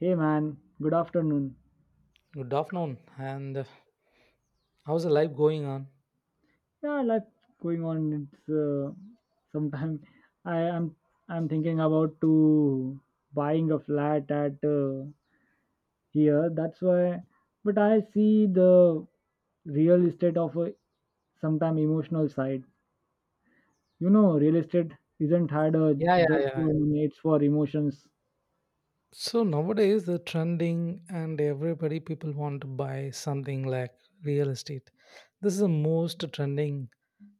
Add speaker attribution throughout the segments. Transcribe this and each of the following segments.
Speaker 1: Hey man, good afternoon.
Speaker 2: Good afternoon, and how's the life going on?
Speaker 1: Yeah, life going on. It's sometime, I am I'm thinking about to buying a flat at here. That's why, but I see the real estate of a sometime emotional side. You know, real estate isn't had a
Speaker 2: Yeah, yeah,
Speaker 1: just
Speaker 2: yeah.
Speaker 1: for money. It's for emotions.
Speaker 2: So nowadays the trending and everybody people want to buy something like real estate. This is the most trending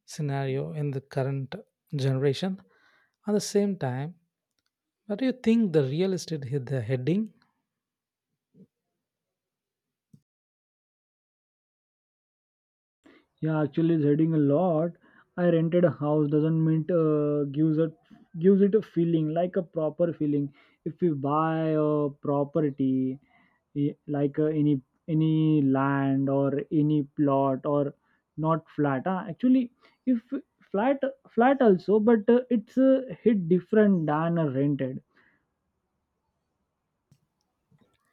Speaker 2: scenario in the current generation. At the same time, what do you think the real estate hit the heading?
Speaker 1: Yeah, actually, it's heading a lot. I rented a house doesn't mean gives it a feeling like a proper feeling. If we buy a property, any land or any plot or not flat. Actually, if flat flat also, but it's hit different than a rented.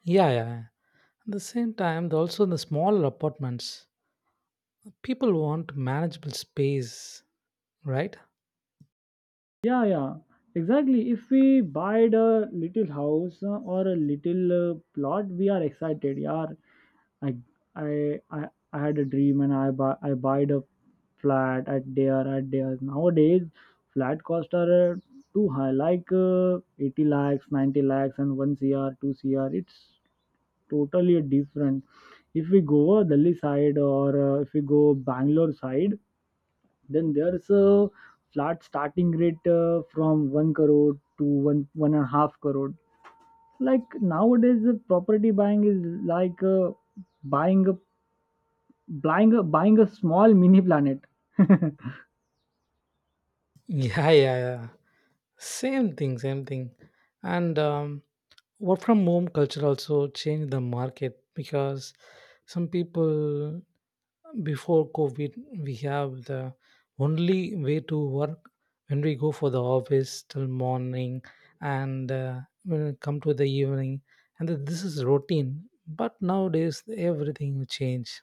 Speaker 2: Yeah, yeah, yeah. At the same time, also the smaller apartments, people want manageable space, right?
Speaker 1: Yeah, yeah, exactly. If we buy a little house or a little plot, we are excited. Yeah, I I had a dream and I buyed a flat at there. Nowadays, flat costs are too high, like 80 lakhs, 90 lakhs, and one cr, two cr. It's totally different. If we go Delhi side or if we go Bangalore side, then there's a flat starting rate from 1 crore to one and a half crore. Like nowadays, the property buying is like buying a buying a small mini planet.
Speaker 2: Yeah, yeah, yeah. Same thing, same thing. And work from home culture also changed the market because some people before COVID we have the only way to work when we go for the office till morning and when we come to the evening and this is routine, but nowadays everything will change,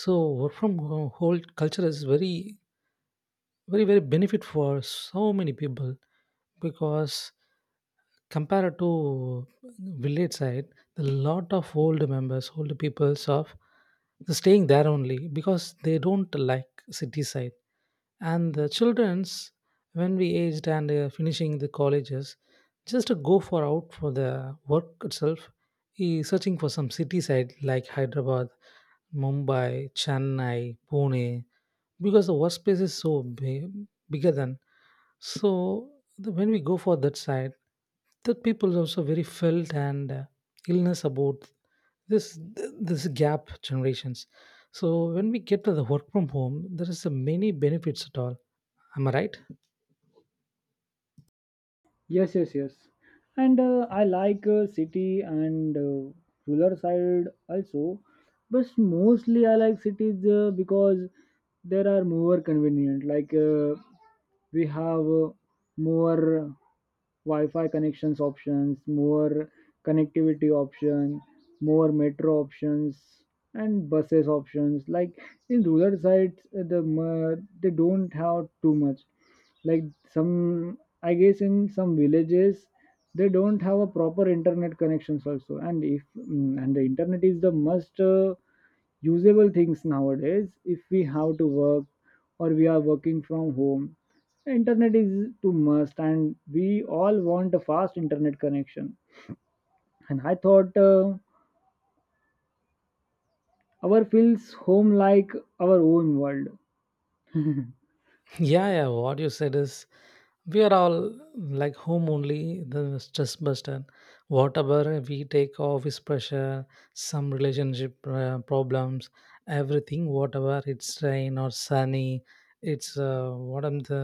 Speaker 2: so work from home whole culture is very very very benefit for so many people because compared to village side, a lot of old members old peoples of they're staying there only because they don't like city side. And the children's, when we aged and finishing the colleges, just to go for out for the work itself is searching for some city side like Hyderabad, Mumbai, Chennai, Pune because the workspace is so big, bigger than. So when we go for that side, that people also very felt and illness about this this gap generations. So when we get to the work from home there is a many benefits at all. Am I right?
Speaker 1: Yes, yes, yes. And I like city and rural side also, but mostly I like cities because there are more convenient. Like we have more Wi-Fi connections options, more connectivity option, more metro options, and buses options. Like in rural sites, they don't have too much. Like some, I guess in some villages, they don't have a proper internet connections also. And if mm, and the internet is the must. Usable things nowadays, if we have to work or we are working from home, internet is too must, and we all want a fast internet connection, and I thought our feels home like our own world.
Speaker 2: Yeah, yeah. What you said is, we are all like home only the stress buster, whatever we take office pressure, some relationship problems, everything, whatever it's rain or sunny, it's what I'm the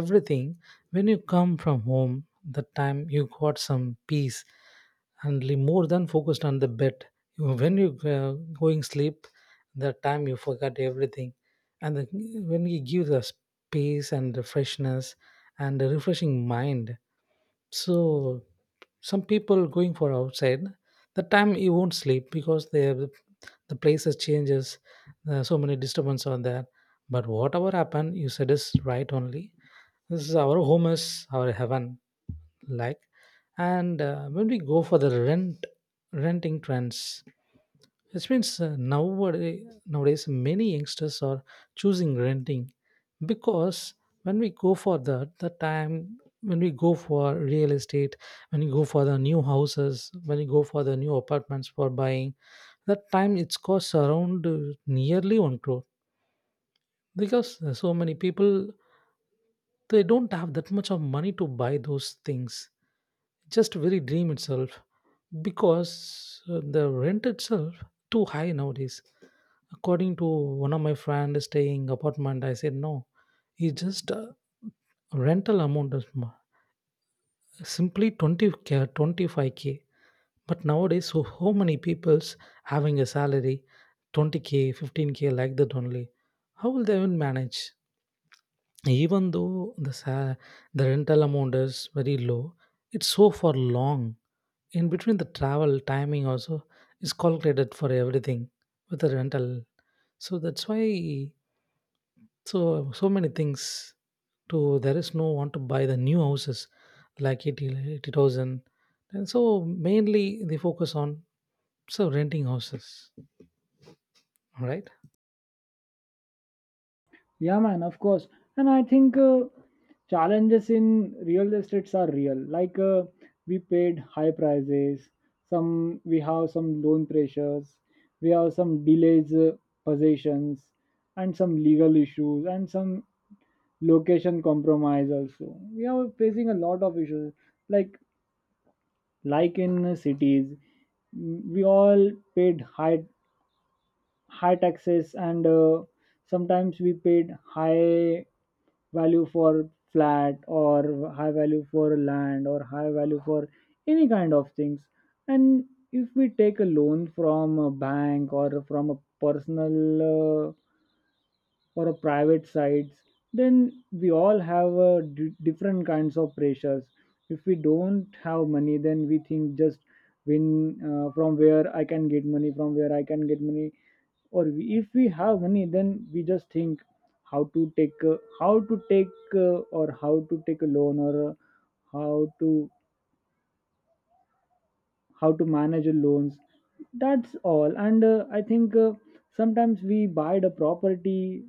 Speaker 2: everything. When you come from home, the time you got some peace and more than focused on the bed. You- when you going sleep, the time you forget everything. And when you give the space and the freshness and a refreshing mind. So some people going for outside, the time you won't sleep because they have, the places changes, so many disturbance on there. But whatever happen, you said is right only. This is our home is our heaven like. And when we go for the renting trends, this means nowadays many youngsters are choosing renting because when we go for that, the time when we go for real estate, when you go for the new houses, when you go for the new apartments for buying, that time it's costs around nearly one crore because so many people they don't have that much of money to buy those things. Just very dream itself because the rent itself too high nowadays. According to one of my friend staying apartment, I said no. He just rental amount is simply 20K 25K but nowadays so how many people's having a salary 20K 15K like that only, how will they even manage. Even though the the rental amount is very low, it's so for long, in between the travel timing also is calculated for everything with the rental. So that's why. So many things. To there is no want to buy the new houses like 80, 80,000. And so mainly they focus on so renting houses. All right?
Speaker 1: Yeah, man, of course. And I think challenges in real estates are real. Like we paid high prices. Some We have some loan pressures. We have some delays, possessions, and some legal issues, and some location compromise also. We are facing a lot of issues. Like like in cities, we all paid high taxes, and sometimes we paid high value for flat, or high value for land, or high value for any kind of things. And if we take a loan from a bank, or from a personal, or a private sites, then we all have different kinds of pressures. If we don't have money, then we think just when from where I can get money, or we, if we have money, then we just think how to take or how to take a loan, or how to how to manage a loans. That's all. And I think sometimes we buy the property.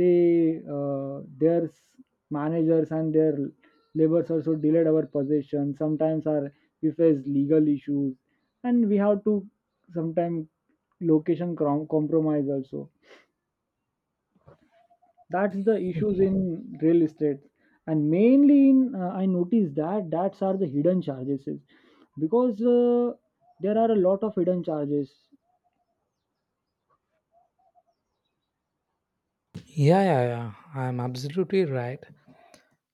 Speaker 1: They their managers and their labors also delayed our possession. Sometimes our we face legal issues, and we have to sometimes location compromise also. That's the issues in real estate. And mainly in, I noticed that that's are the hidden charges is, because there are a lot of hidden charges.
Speaker 2: Yeah, yeah, yeah. I'm absolutely right.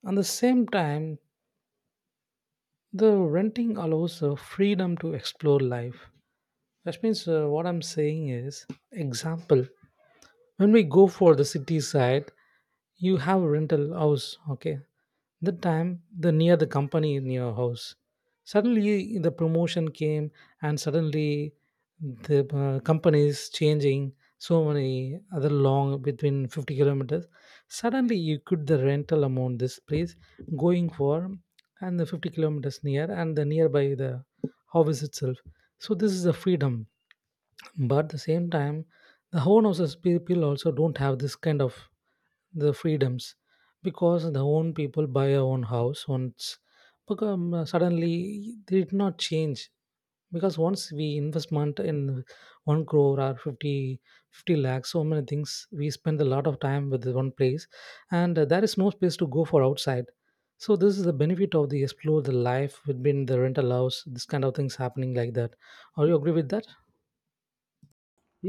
Speaker 2: At the same time, the renting allows freedom to explore life. That means what I'm saying is, example, when we go for the city side you have a rental house, okay, the time the near the company in your house suddenly the promotion came and suddenly the company is changing, so many other long between 50 kilometers. Suddenly you could the rental amount this place going for, and the 50 kilometers near and the nearby the house itself. So this is a freedom. But at the same time, the own houses people also don't have this kind of the freedoms because the own people buy a own house once become suddenly they did not change because once we investment in one crore or fifty lakhs, so many things we spend a lot of time with the one place. And there is no space to go for outside. So this is the benefit of the explore the life within the rental house, this kind of things happening like that. Are you agree with that?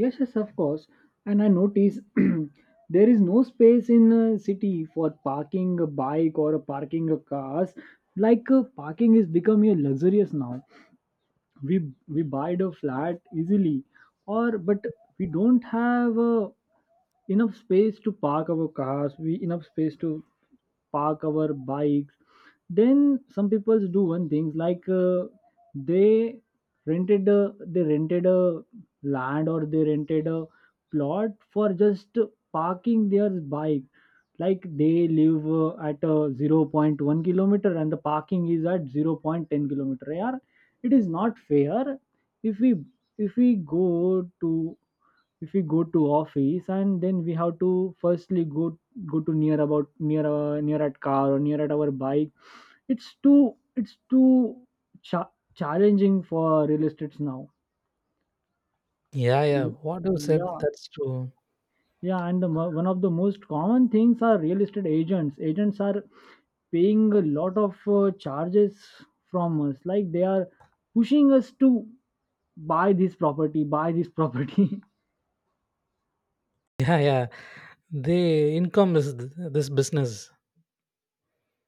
Speaker 1: Yes, yes, of course. And I notice, there is no space in a city for parking a bike or a parking a cars. Like parking is becoming a luxurious now. we we buy the flat easily, or but we don't have enough space to park our cars, we enough space to park our bikes. Then some people do one thing, like they they rented a land, or they rented a plot for just parking their bike. Like they live at zero point 0.1 kilometer, and the parking is at zero point 0.10 kilometer. Yeah, it is not fair. If we if we go to if we go to office, and then we have to firstly go to near about near, near at car, or near at our bike. It's too challenging for real estates now.
Speaker 2: Yeah, yeah. What you said
Speaker 1: Yeah.
Speaker 2: that's true.
Speaker 1: Yeah, and one of the most common things are real estate agents. Agents are paying a lot of charges from us, like they are pushing us to buy this property, buy this property.
Speaker 2: Yeah, yeah. The income is this business.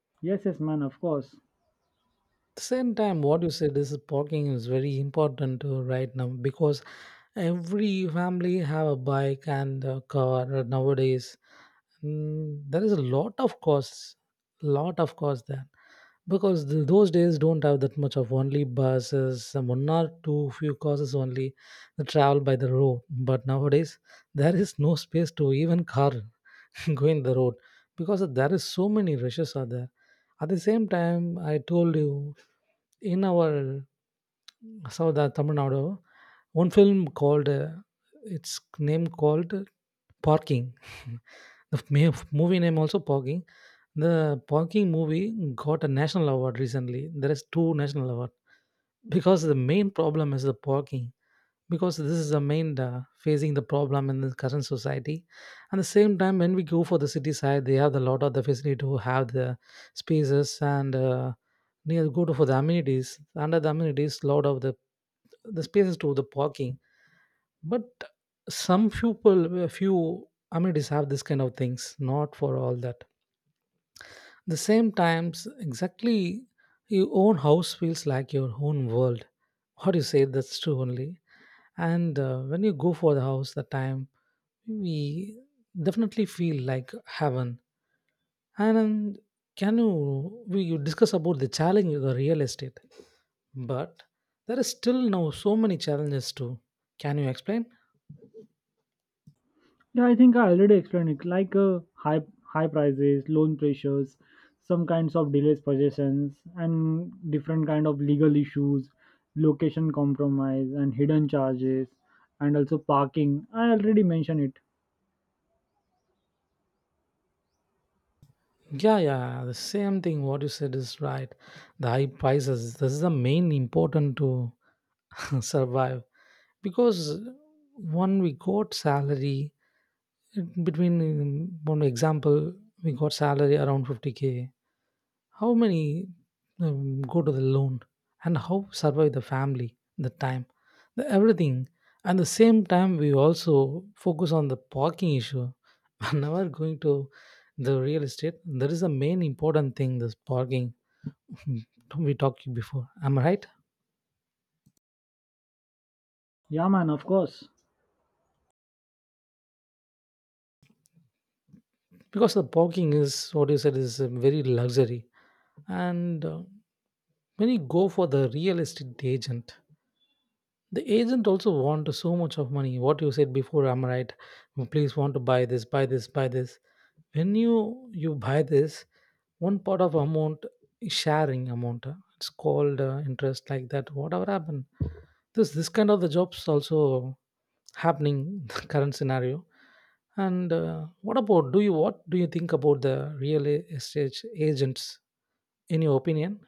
Speaker 1: Yes, yes, man, of course.
Speaker 2: The same time, what you said is parking is very important to right now because every family have a bike and a car nowadays. Mm, there is a lot of costs there because those days don't have that much of only buses, some one or two few causes only that travel by the road. But nowadays there is no space to even car. going the road because there is so many rushes are there. At the same time I told you, in our south Tamil Nadu one film called its name called parking. The movie name also parking. The parking movie got a national award recently, there is two national award because the main problem is the parking, because this is the main facing the problem in the current society. And the same time when we go for the city side, they have a lot of the facility to have the spaces and near go to for the amenities under the amenities lot of the spaces to the parking. But some few people few amenities have this kind of things not for all that the same times exactly your own house feels like your own world. How do you say that's true only. And when you go for the house the time we definitely feel like heaven. And can you we you discuss about the challenge of the real estate, but there is still now so many challenges too. Can you explain?
Speaker 1: Yeah, I think I already explained it. Like high prices, loan pressures, some kinds of delays possessions, and different kind of legal issues, location compromise, and hidden charges, and also parking. I already mentioned it.
Speaker 2: Yeah, yeah. The same thing what you said is right. The high prices, this is the main important to survive because one we got salary between one example we got salary around 50K. How many go to the loan and how survive the family, the time, the everything. At the same time, we also focus on the parking issue. Whenever going to the real estate, there is a main important thing. This parking we talked before. Am I right?
Speaker 1: Yeah, man, of course.
Speaker 2: Because the parking is what you said is a very luxury, and when you go for the real estate agent, the agent also want so much of money what you said before, I'm right. Mm, please want to buy this buy this buy this when you buy this one part of amount is sharing amount it's called interest like that whatever happened. This kind of the jobs also happening the current scenario. And what about do you what do you think about the real estate agents in your opinion?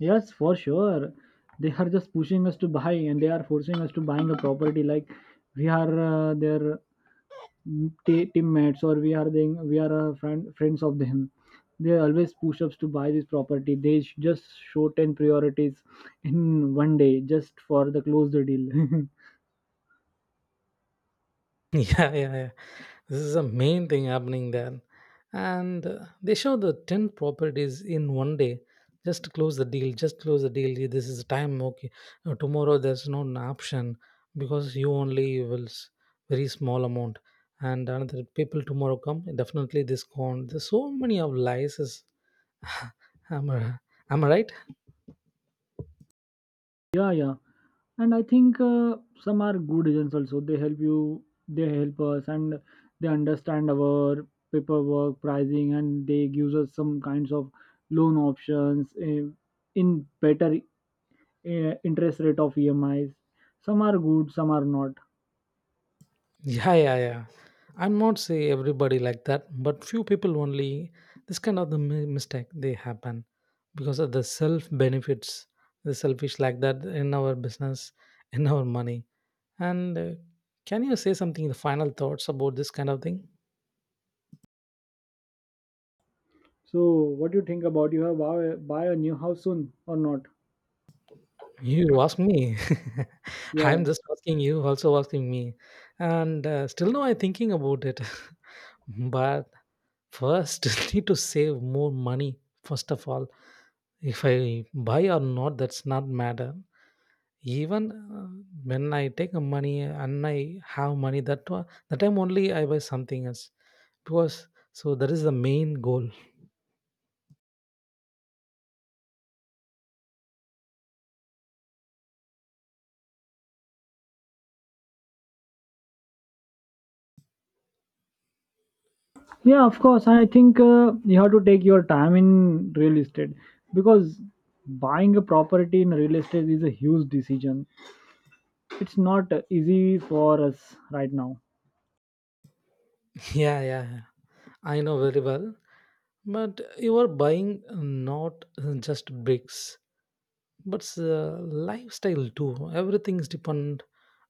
Speaker 1: Yes, for sure. They are just pushing us to buy, and they are forcing us to buying a property, like we are their teammates, or we are friends of them. They always push us to buy this property. They just show 10 priorities in one day just for the close the deal.
Speaker 2: Yeah, yeah, yeah. This is the main thing happening there. And they show the 10 properties in one day. Just close the deal, just close the deal. This is the time, okay. Tomorrow there's no an option because you only will very small amount. And another people tomorrow come, definitely this gone. There's so many of lies. Is, am, I, am I right?
Speaker 1: Yeah, yeah. And I think some are good agents also. They help you, they help us, and they understand our paperwork, pricing, and they gives us some kinds of loan options, in better interest rate of EMIs. Some are good, some are not.
Speaker 2: Yeah, yeah, yeah. I'm not say everybody like that, but few people only this kind of the mistake they happen because of the self benefits, the selfish like that in our business, in our money. And can you say something the final thoughts about this kind of thing?
Speaker 1: So, what do you think about you have buy a new house soon or not?
Speaker 2: You ask me.
Speaker 1: Yeah.
Speaker 2: I'm just asking you, also asking me, and still no, I'm thinking about it. But first, need to save more money first of all. If I buy or not, that's not matter. Even when I take a money and I have money, that time only I buy something else because so that is the main goal.
Speaker 1: Yeah, of course. I think you have to take your time in real estate, because buying a property in real estate is a huge decision. It's not easy for us right now.
Speaker 2: Yeah, yeah, yeah. I know very well. But you are buying not just bricks, but lifestyle too. Everything is depend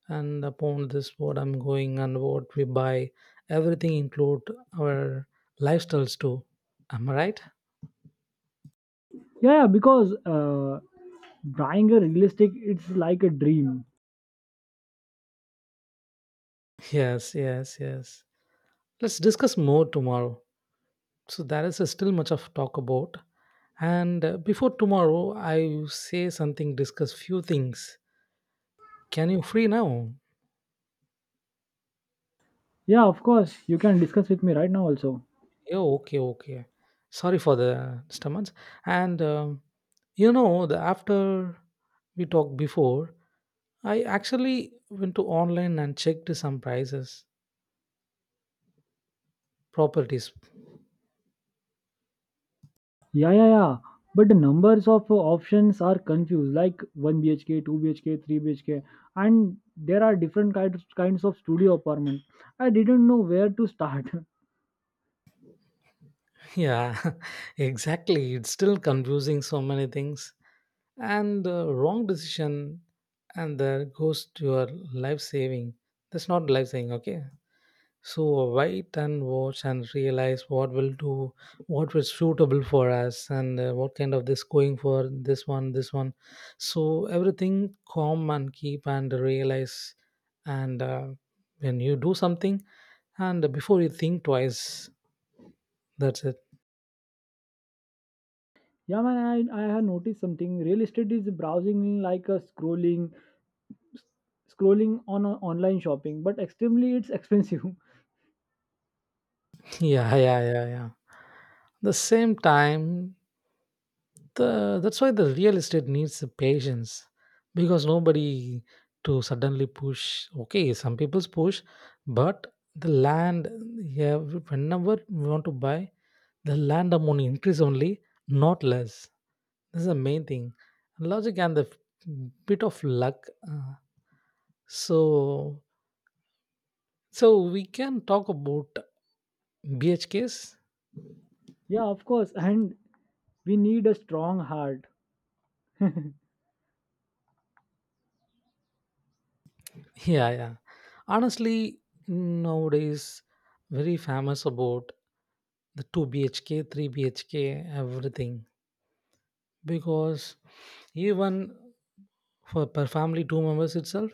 Speaker 2: and upon this what I'm going and what we buy. Everything include our lifestyles too. Am I right?
Speaker 1: Yeah, yeah, because buying a real estate it's like a dream.
Speaker 2: Yes, yes, yes. Let's discuss more tomorrow. So there is still much of talk about. And before tomorrow, I say something, discuss few things. Can you free now?
Speaker 1: Yeah, of course. You can discuss with me right now also.
Speaker 2: Yeah, okay, okay. Sorry for the disturbance. And the after we talked before, I actually went to online and checked some prices, properties.
Speaker 1: Yeah, yeah, yeah. But the numbers of options are confused, like 1 BHK, 2 BHK, 3 BHK, and there are different kinds of studio apartment. I didn't know where to start.
Speaker 2: Yeah, exactly. It's still confusing so many things. And the wrong decision and that goes to your life saving. That's not life saving, okay. So wait and watch and realize what will do, what was suitable for us and what kind of this going for this one. So everything calm and keep and realize. And when you do something and before you think twice, that's it.
Speaker 1: Yeah, man, I have noticed something. Real estate is browsing like a scrolling on a online shopping, but extremely it's expensive.
Speaker 2: Yeah, yeah, yeah, yeah, the same time. The that's why the real estate needs the patience, because nobody to suddenly push. Okay, some people's push, but the land, yeah, whenever we want to buy, the land amount increase only, not less. This is the main thing. Logic and the bit of luck uh, so so we can talk about BH bhks.
Speaker 1: Yeah, of course, and we need a strong heart.
Speaker 2: Yeah, yeah. Honestly, nowadays very famous about the 2 bhk 3 bhk, everything. Because even for per family two members itself,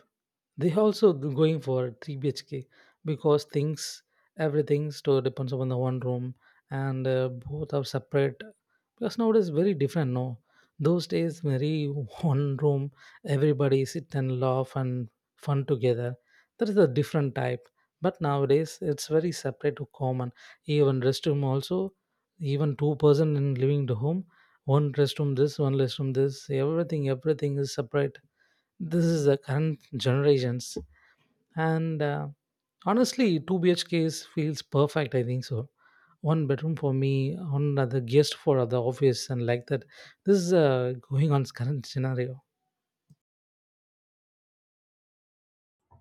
Speaker 2: they also going for 3 bhk. Because things everything store depends upon the one room. And both are separate. Because nowadays very different, no. Those days very one room, everybody sit and laugh and fun together. That is a different type. But nowadays it's very separate to common. Even restroom also. Even two person in living the home, one restroom this, one restroom this, everything is separate. This is the current generations. And honestly 2 BH bhks feels perfect, I think so. One bedroom for me, one other guest for the office, and like that. This is going on current scenario.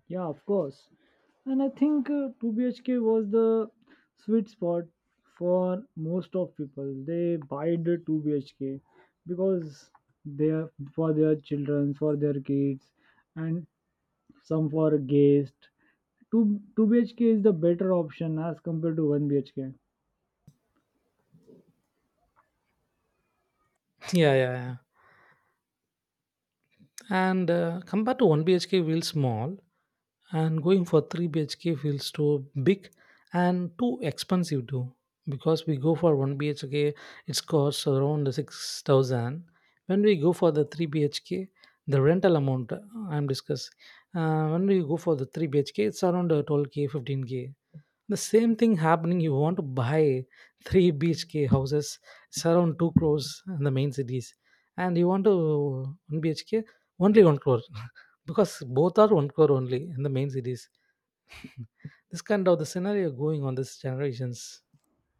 Speaker 1: Yeah, of course, and I think 2BHK was the sweet spot for most of people. They buy the 2BHK because they are for their children, for their kids, and some for a guest. 2 BHK is the better option as compared to 1 BHK.
Speaker 2: Yeah, yeah, yeah. And compared to 1 bhk feels small, and going for 3 bhk feels too big and too expensive too. Because we go for 1 bhk, it's costs around 6,000. When we go for the 3 bhk, the rental amount, I'm discussing, when we go for the 3 bhk it's around 12K 15K. The same thing happening. You want to buy three bhk houses, it's around 2 crores in the main cities. And you want to 1 bhk, only 1 crore. Because both are 1 crore only in the main cities. This kind of the scenario going on this generations.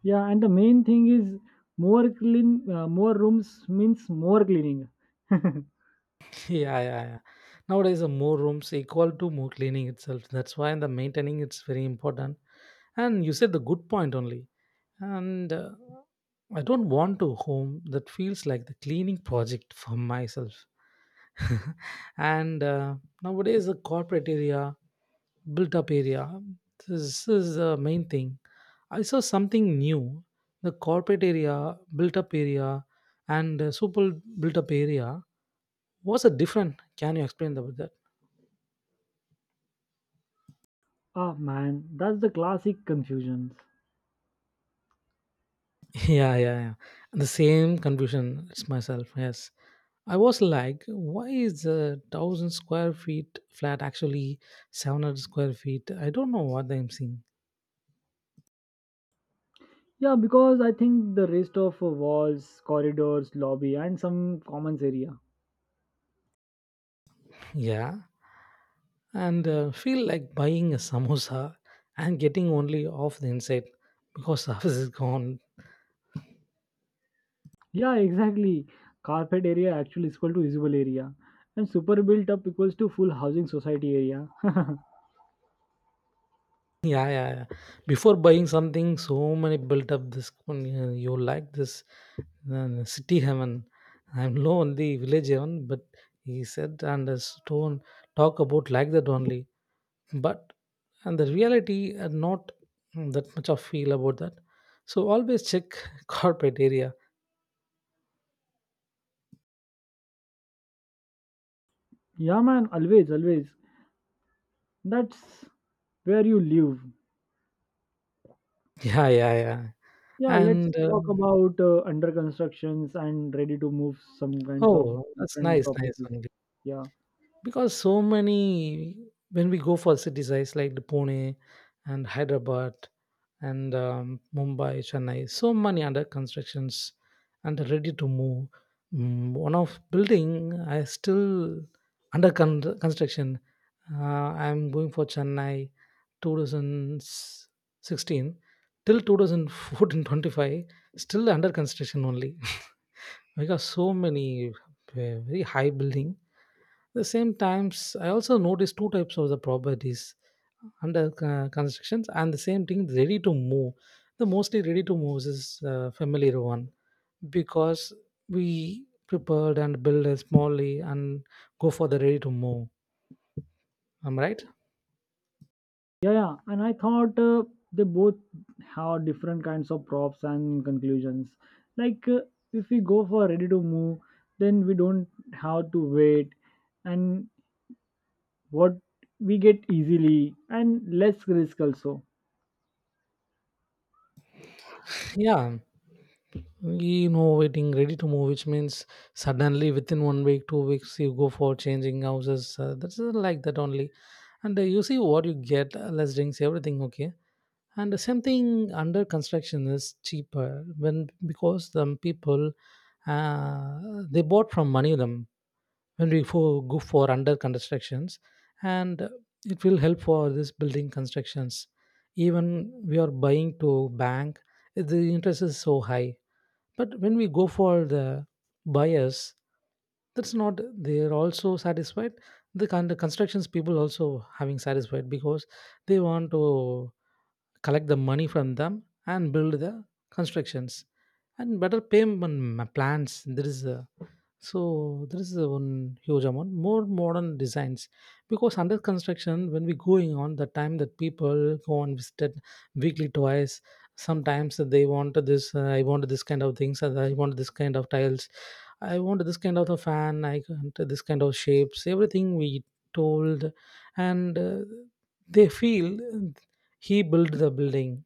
Speaker 1: Yeah, and the main thing is more rooms means more cleaning.
Speaker 2: Yeah, yeah, yeah. Nowadays the more rooms equal to more cleaning itself. That's why the maintaining it's very important. And you said the good point only. And I don't want to home that feels like the cleaning project for myself. And nowadays the corporate area, built up area, this is the main thing. I saw something new. The corporate area, built up area, and super built up area was a different. Can you explain about that?
Speaker 1: Ah man, that's the classic confusions.
Speaker 2: Yeah, yeah, yeah. The same confusion it's myself, yes. I was like, why is 1,000 square feet flat actually 700 square feet? I don't know what I'm seeing.
Speaker 1: Yeah, because I think the rest of walls, corridors, lobby, and some commons area.
Speaker 2: Yeah. And feel like buying a samosa and getting only half the inside because half is gone.
Speaker 1: Yeah, exactly. Carpet area actually is equal to usable area, and super built up equals to full housing society area.
Speaker 2: Yeah, yeah, yeah. Before buying something, so many built up this. You like this, city heaven. I'm low on the village heaven, but he said and his tone talk about like that only. But and the reality are not that much of feel about that. So always check corporate area.
Speaker 1: Yeah, man, always, always. That's where you live.
Speaker 2: Yeah, yeah, yeah.
Speaker 1: Yeah, let's
Speaker 2: And
Speaker 1: talk about under constructions and ready to move some kinds of
Speaker 2: oh, that's
Speaker 1: different
Speaker 2: nice, nice
Speaker 1: properties.
Speaker 2: only.
Speaker 1: Yeah,
Speaker 2: Because so many, when we go for city sites like the Pune and Hyderabad and Mumbai, Chennai, so many under constructions and ready to move. One of building I still construction. Uh, I'm going for Chennai 2016 till 2014 still under construction only. Because so many very high building. The same times, I also noticed two types of the properties under constructions and the same thing ready to move. The mostly ready to move is familiar one because we prepared and build a smallly and go for the ready to move. Am I right?
Speaker 1: yeah, yeah. And I thought they both have different kinds of props and conclusions. Like if we go for ready to move, then we don't have to wait, and what we get easily and less risk also.
Speaker 2: Yeah. We know waiting ready to move, which means suddenly within 1 week, 2 weeks, you go for changing houses. That's like that only. And you see what you get, less drinks, everything okay. And something under construction is cheaper when because the people they bought from money them when we go for under constructions. And it will help for this building constructions. Even we are buying to bank, the interest is so high. But when we go for the buyers, that's not they're also satisfied. The kind of constructions people also having satisfied because they want to collect the money from them and build the constructions and better payment plans. There is a so there is a one huge amount more modern designs because under construction when we going on the time that people go and visited weekly twice, sometimes they want this, I want this kind of things and I want this kind of tiles, I want this kind of a fan, I want this kind of shapes, everything we told. And they feel he built the building.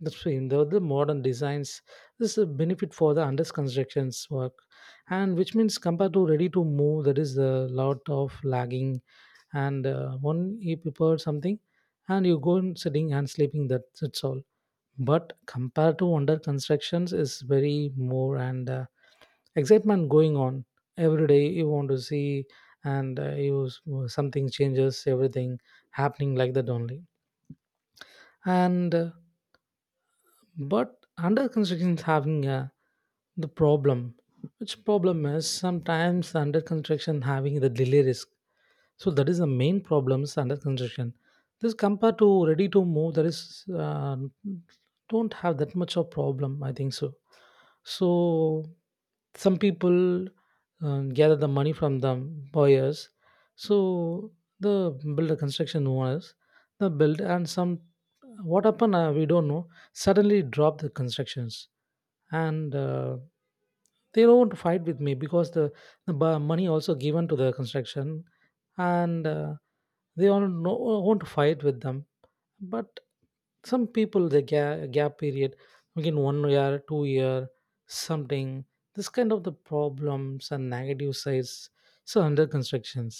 Speaker 2: That's true. The modern designs, this is a benefit for the under constructions work, and which means compared to ready to move, that is a lot of lagging. And one you prepare something, and you go and sitting and sleeping. That's all. But compared to under constructions, is very more and excitement going on every day. You want to see and you something changes, everything happening like that only, and. But under construction is having a the problem. Which problem is sometimes under construction having the delay risk. So that is the main problems under construction. This compared to ready to move there is don't have that much of problem, I think so. So some people gather the money from the buyers. So the builder construction owners, the build and some, what happened, we don't know, suddenly dropped the constructions. And they don't fight with me because money also given to the construction. And they all no, won't fight with them. But some people the gap period within 1 year, 2 year, something. This kind of the problems and negative sides. So under constructions.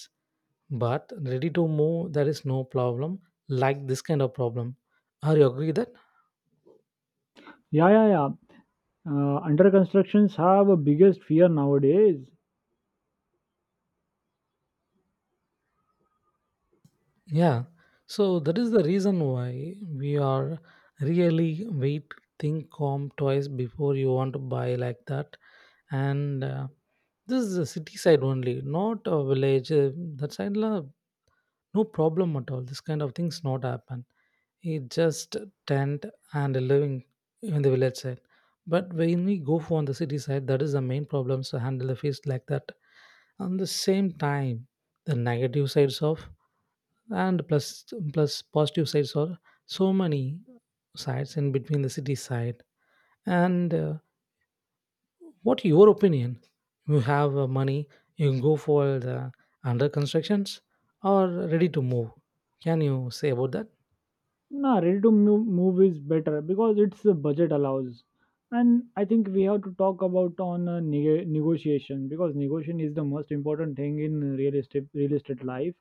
Speaker 2: But ready to move there is no problem, like this kind of problem. Are you agree that?
Speaker 1: Yeah, yeah, yeah. Under constructions have a biggest fear nowadays.
Speaker 2: Yeah. So that is the reason why we are really wait think calm twice before you want to buy like that. And this is a city side only, not a village, that side la, no problem at all, this kind of things not happen. It just tent and living in the village side. But when we go for on the city side, that is the main problem to handle the feast like that. On the same time the negative sides of and plus positive sides are so many sides in between the city side. And what your opinion? You have money, you can go for the under constructions or ready to move. Can you say about that?
Speaker 1: Nah, ready to move is better because its budget allows. And I think we have to talk about on negotiation, because negotiation is the most important thing in real estate life.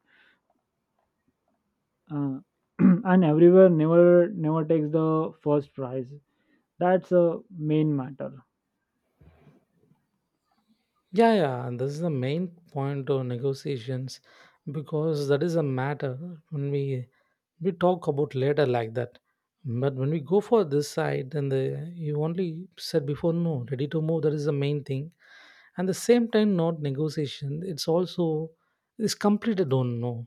Speaker 1: Uh, and everywhere never takes the first prize. That's a main matter.
Speaker 2: Yeah, yeah. And this is the main point of negotiations because that is a matter. When we talk about later like that. But when we go for this side, then the, you only said before no, ready to move, that is the main thing. And the same time, not negotiation, it's also, it's complete, I don't know.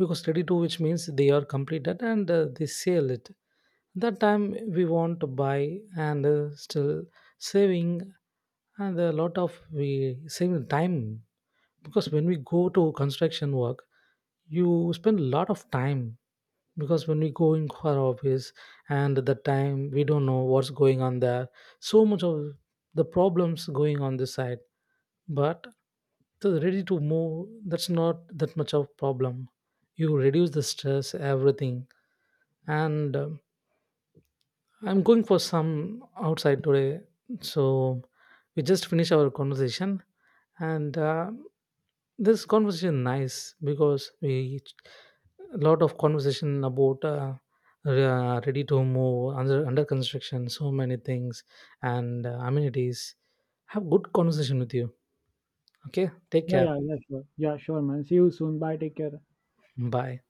Speaker 2: Because ready to which means they are completed and they sell it. That time we want to buy and still saving, and a lot of we saving time. Because when we go to construction work, you spend a lot of time. Because when we go in our office, and at that time we don't know what's going on there. So much of the problems going on this side. But so ready to move, that's not that much of problem. You reduce the stress, everything. And I'm going for some outside today. So we just finish our conversation. And this conversation nice because we a lot of conversation about ready to move, under construction, so many things and amenities. Have good conversation with you. Okay, take
Speaker 1: Yeah,
Speaker 2: care.
Speaker 1: yeah, yeah, sure. Yeah, sure, man. See you soon. Bye. Take care.
Speaker 2: Bye.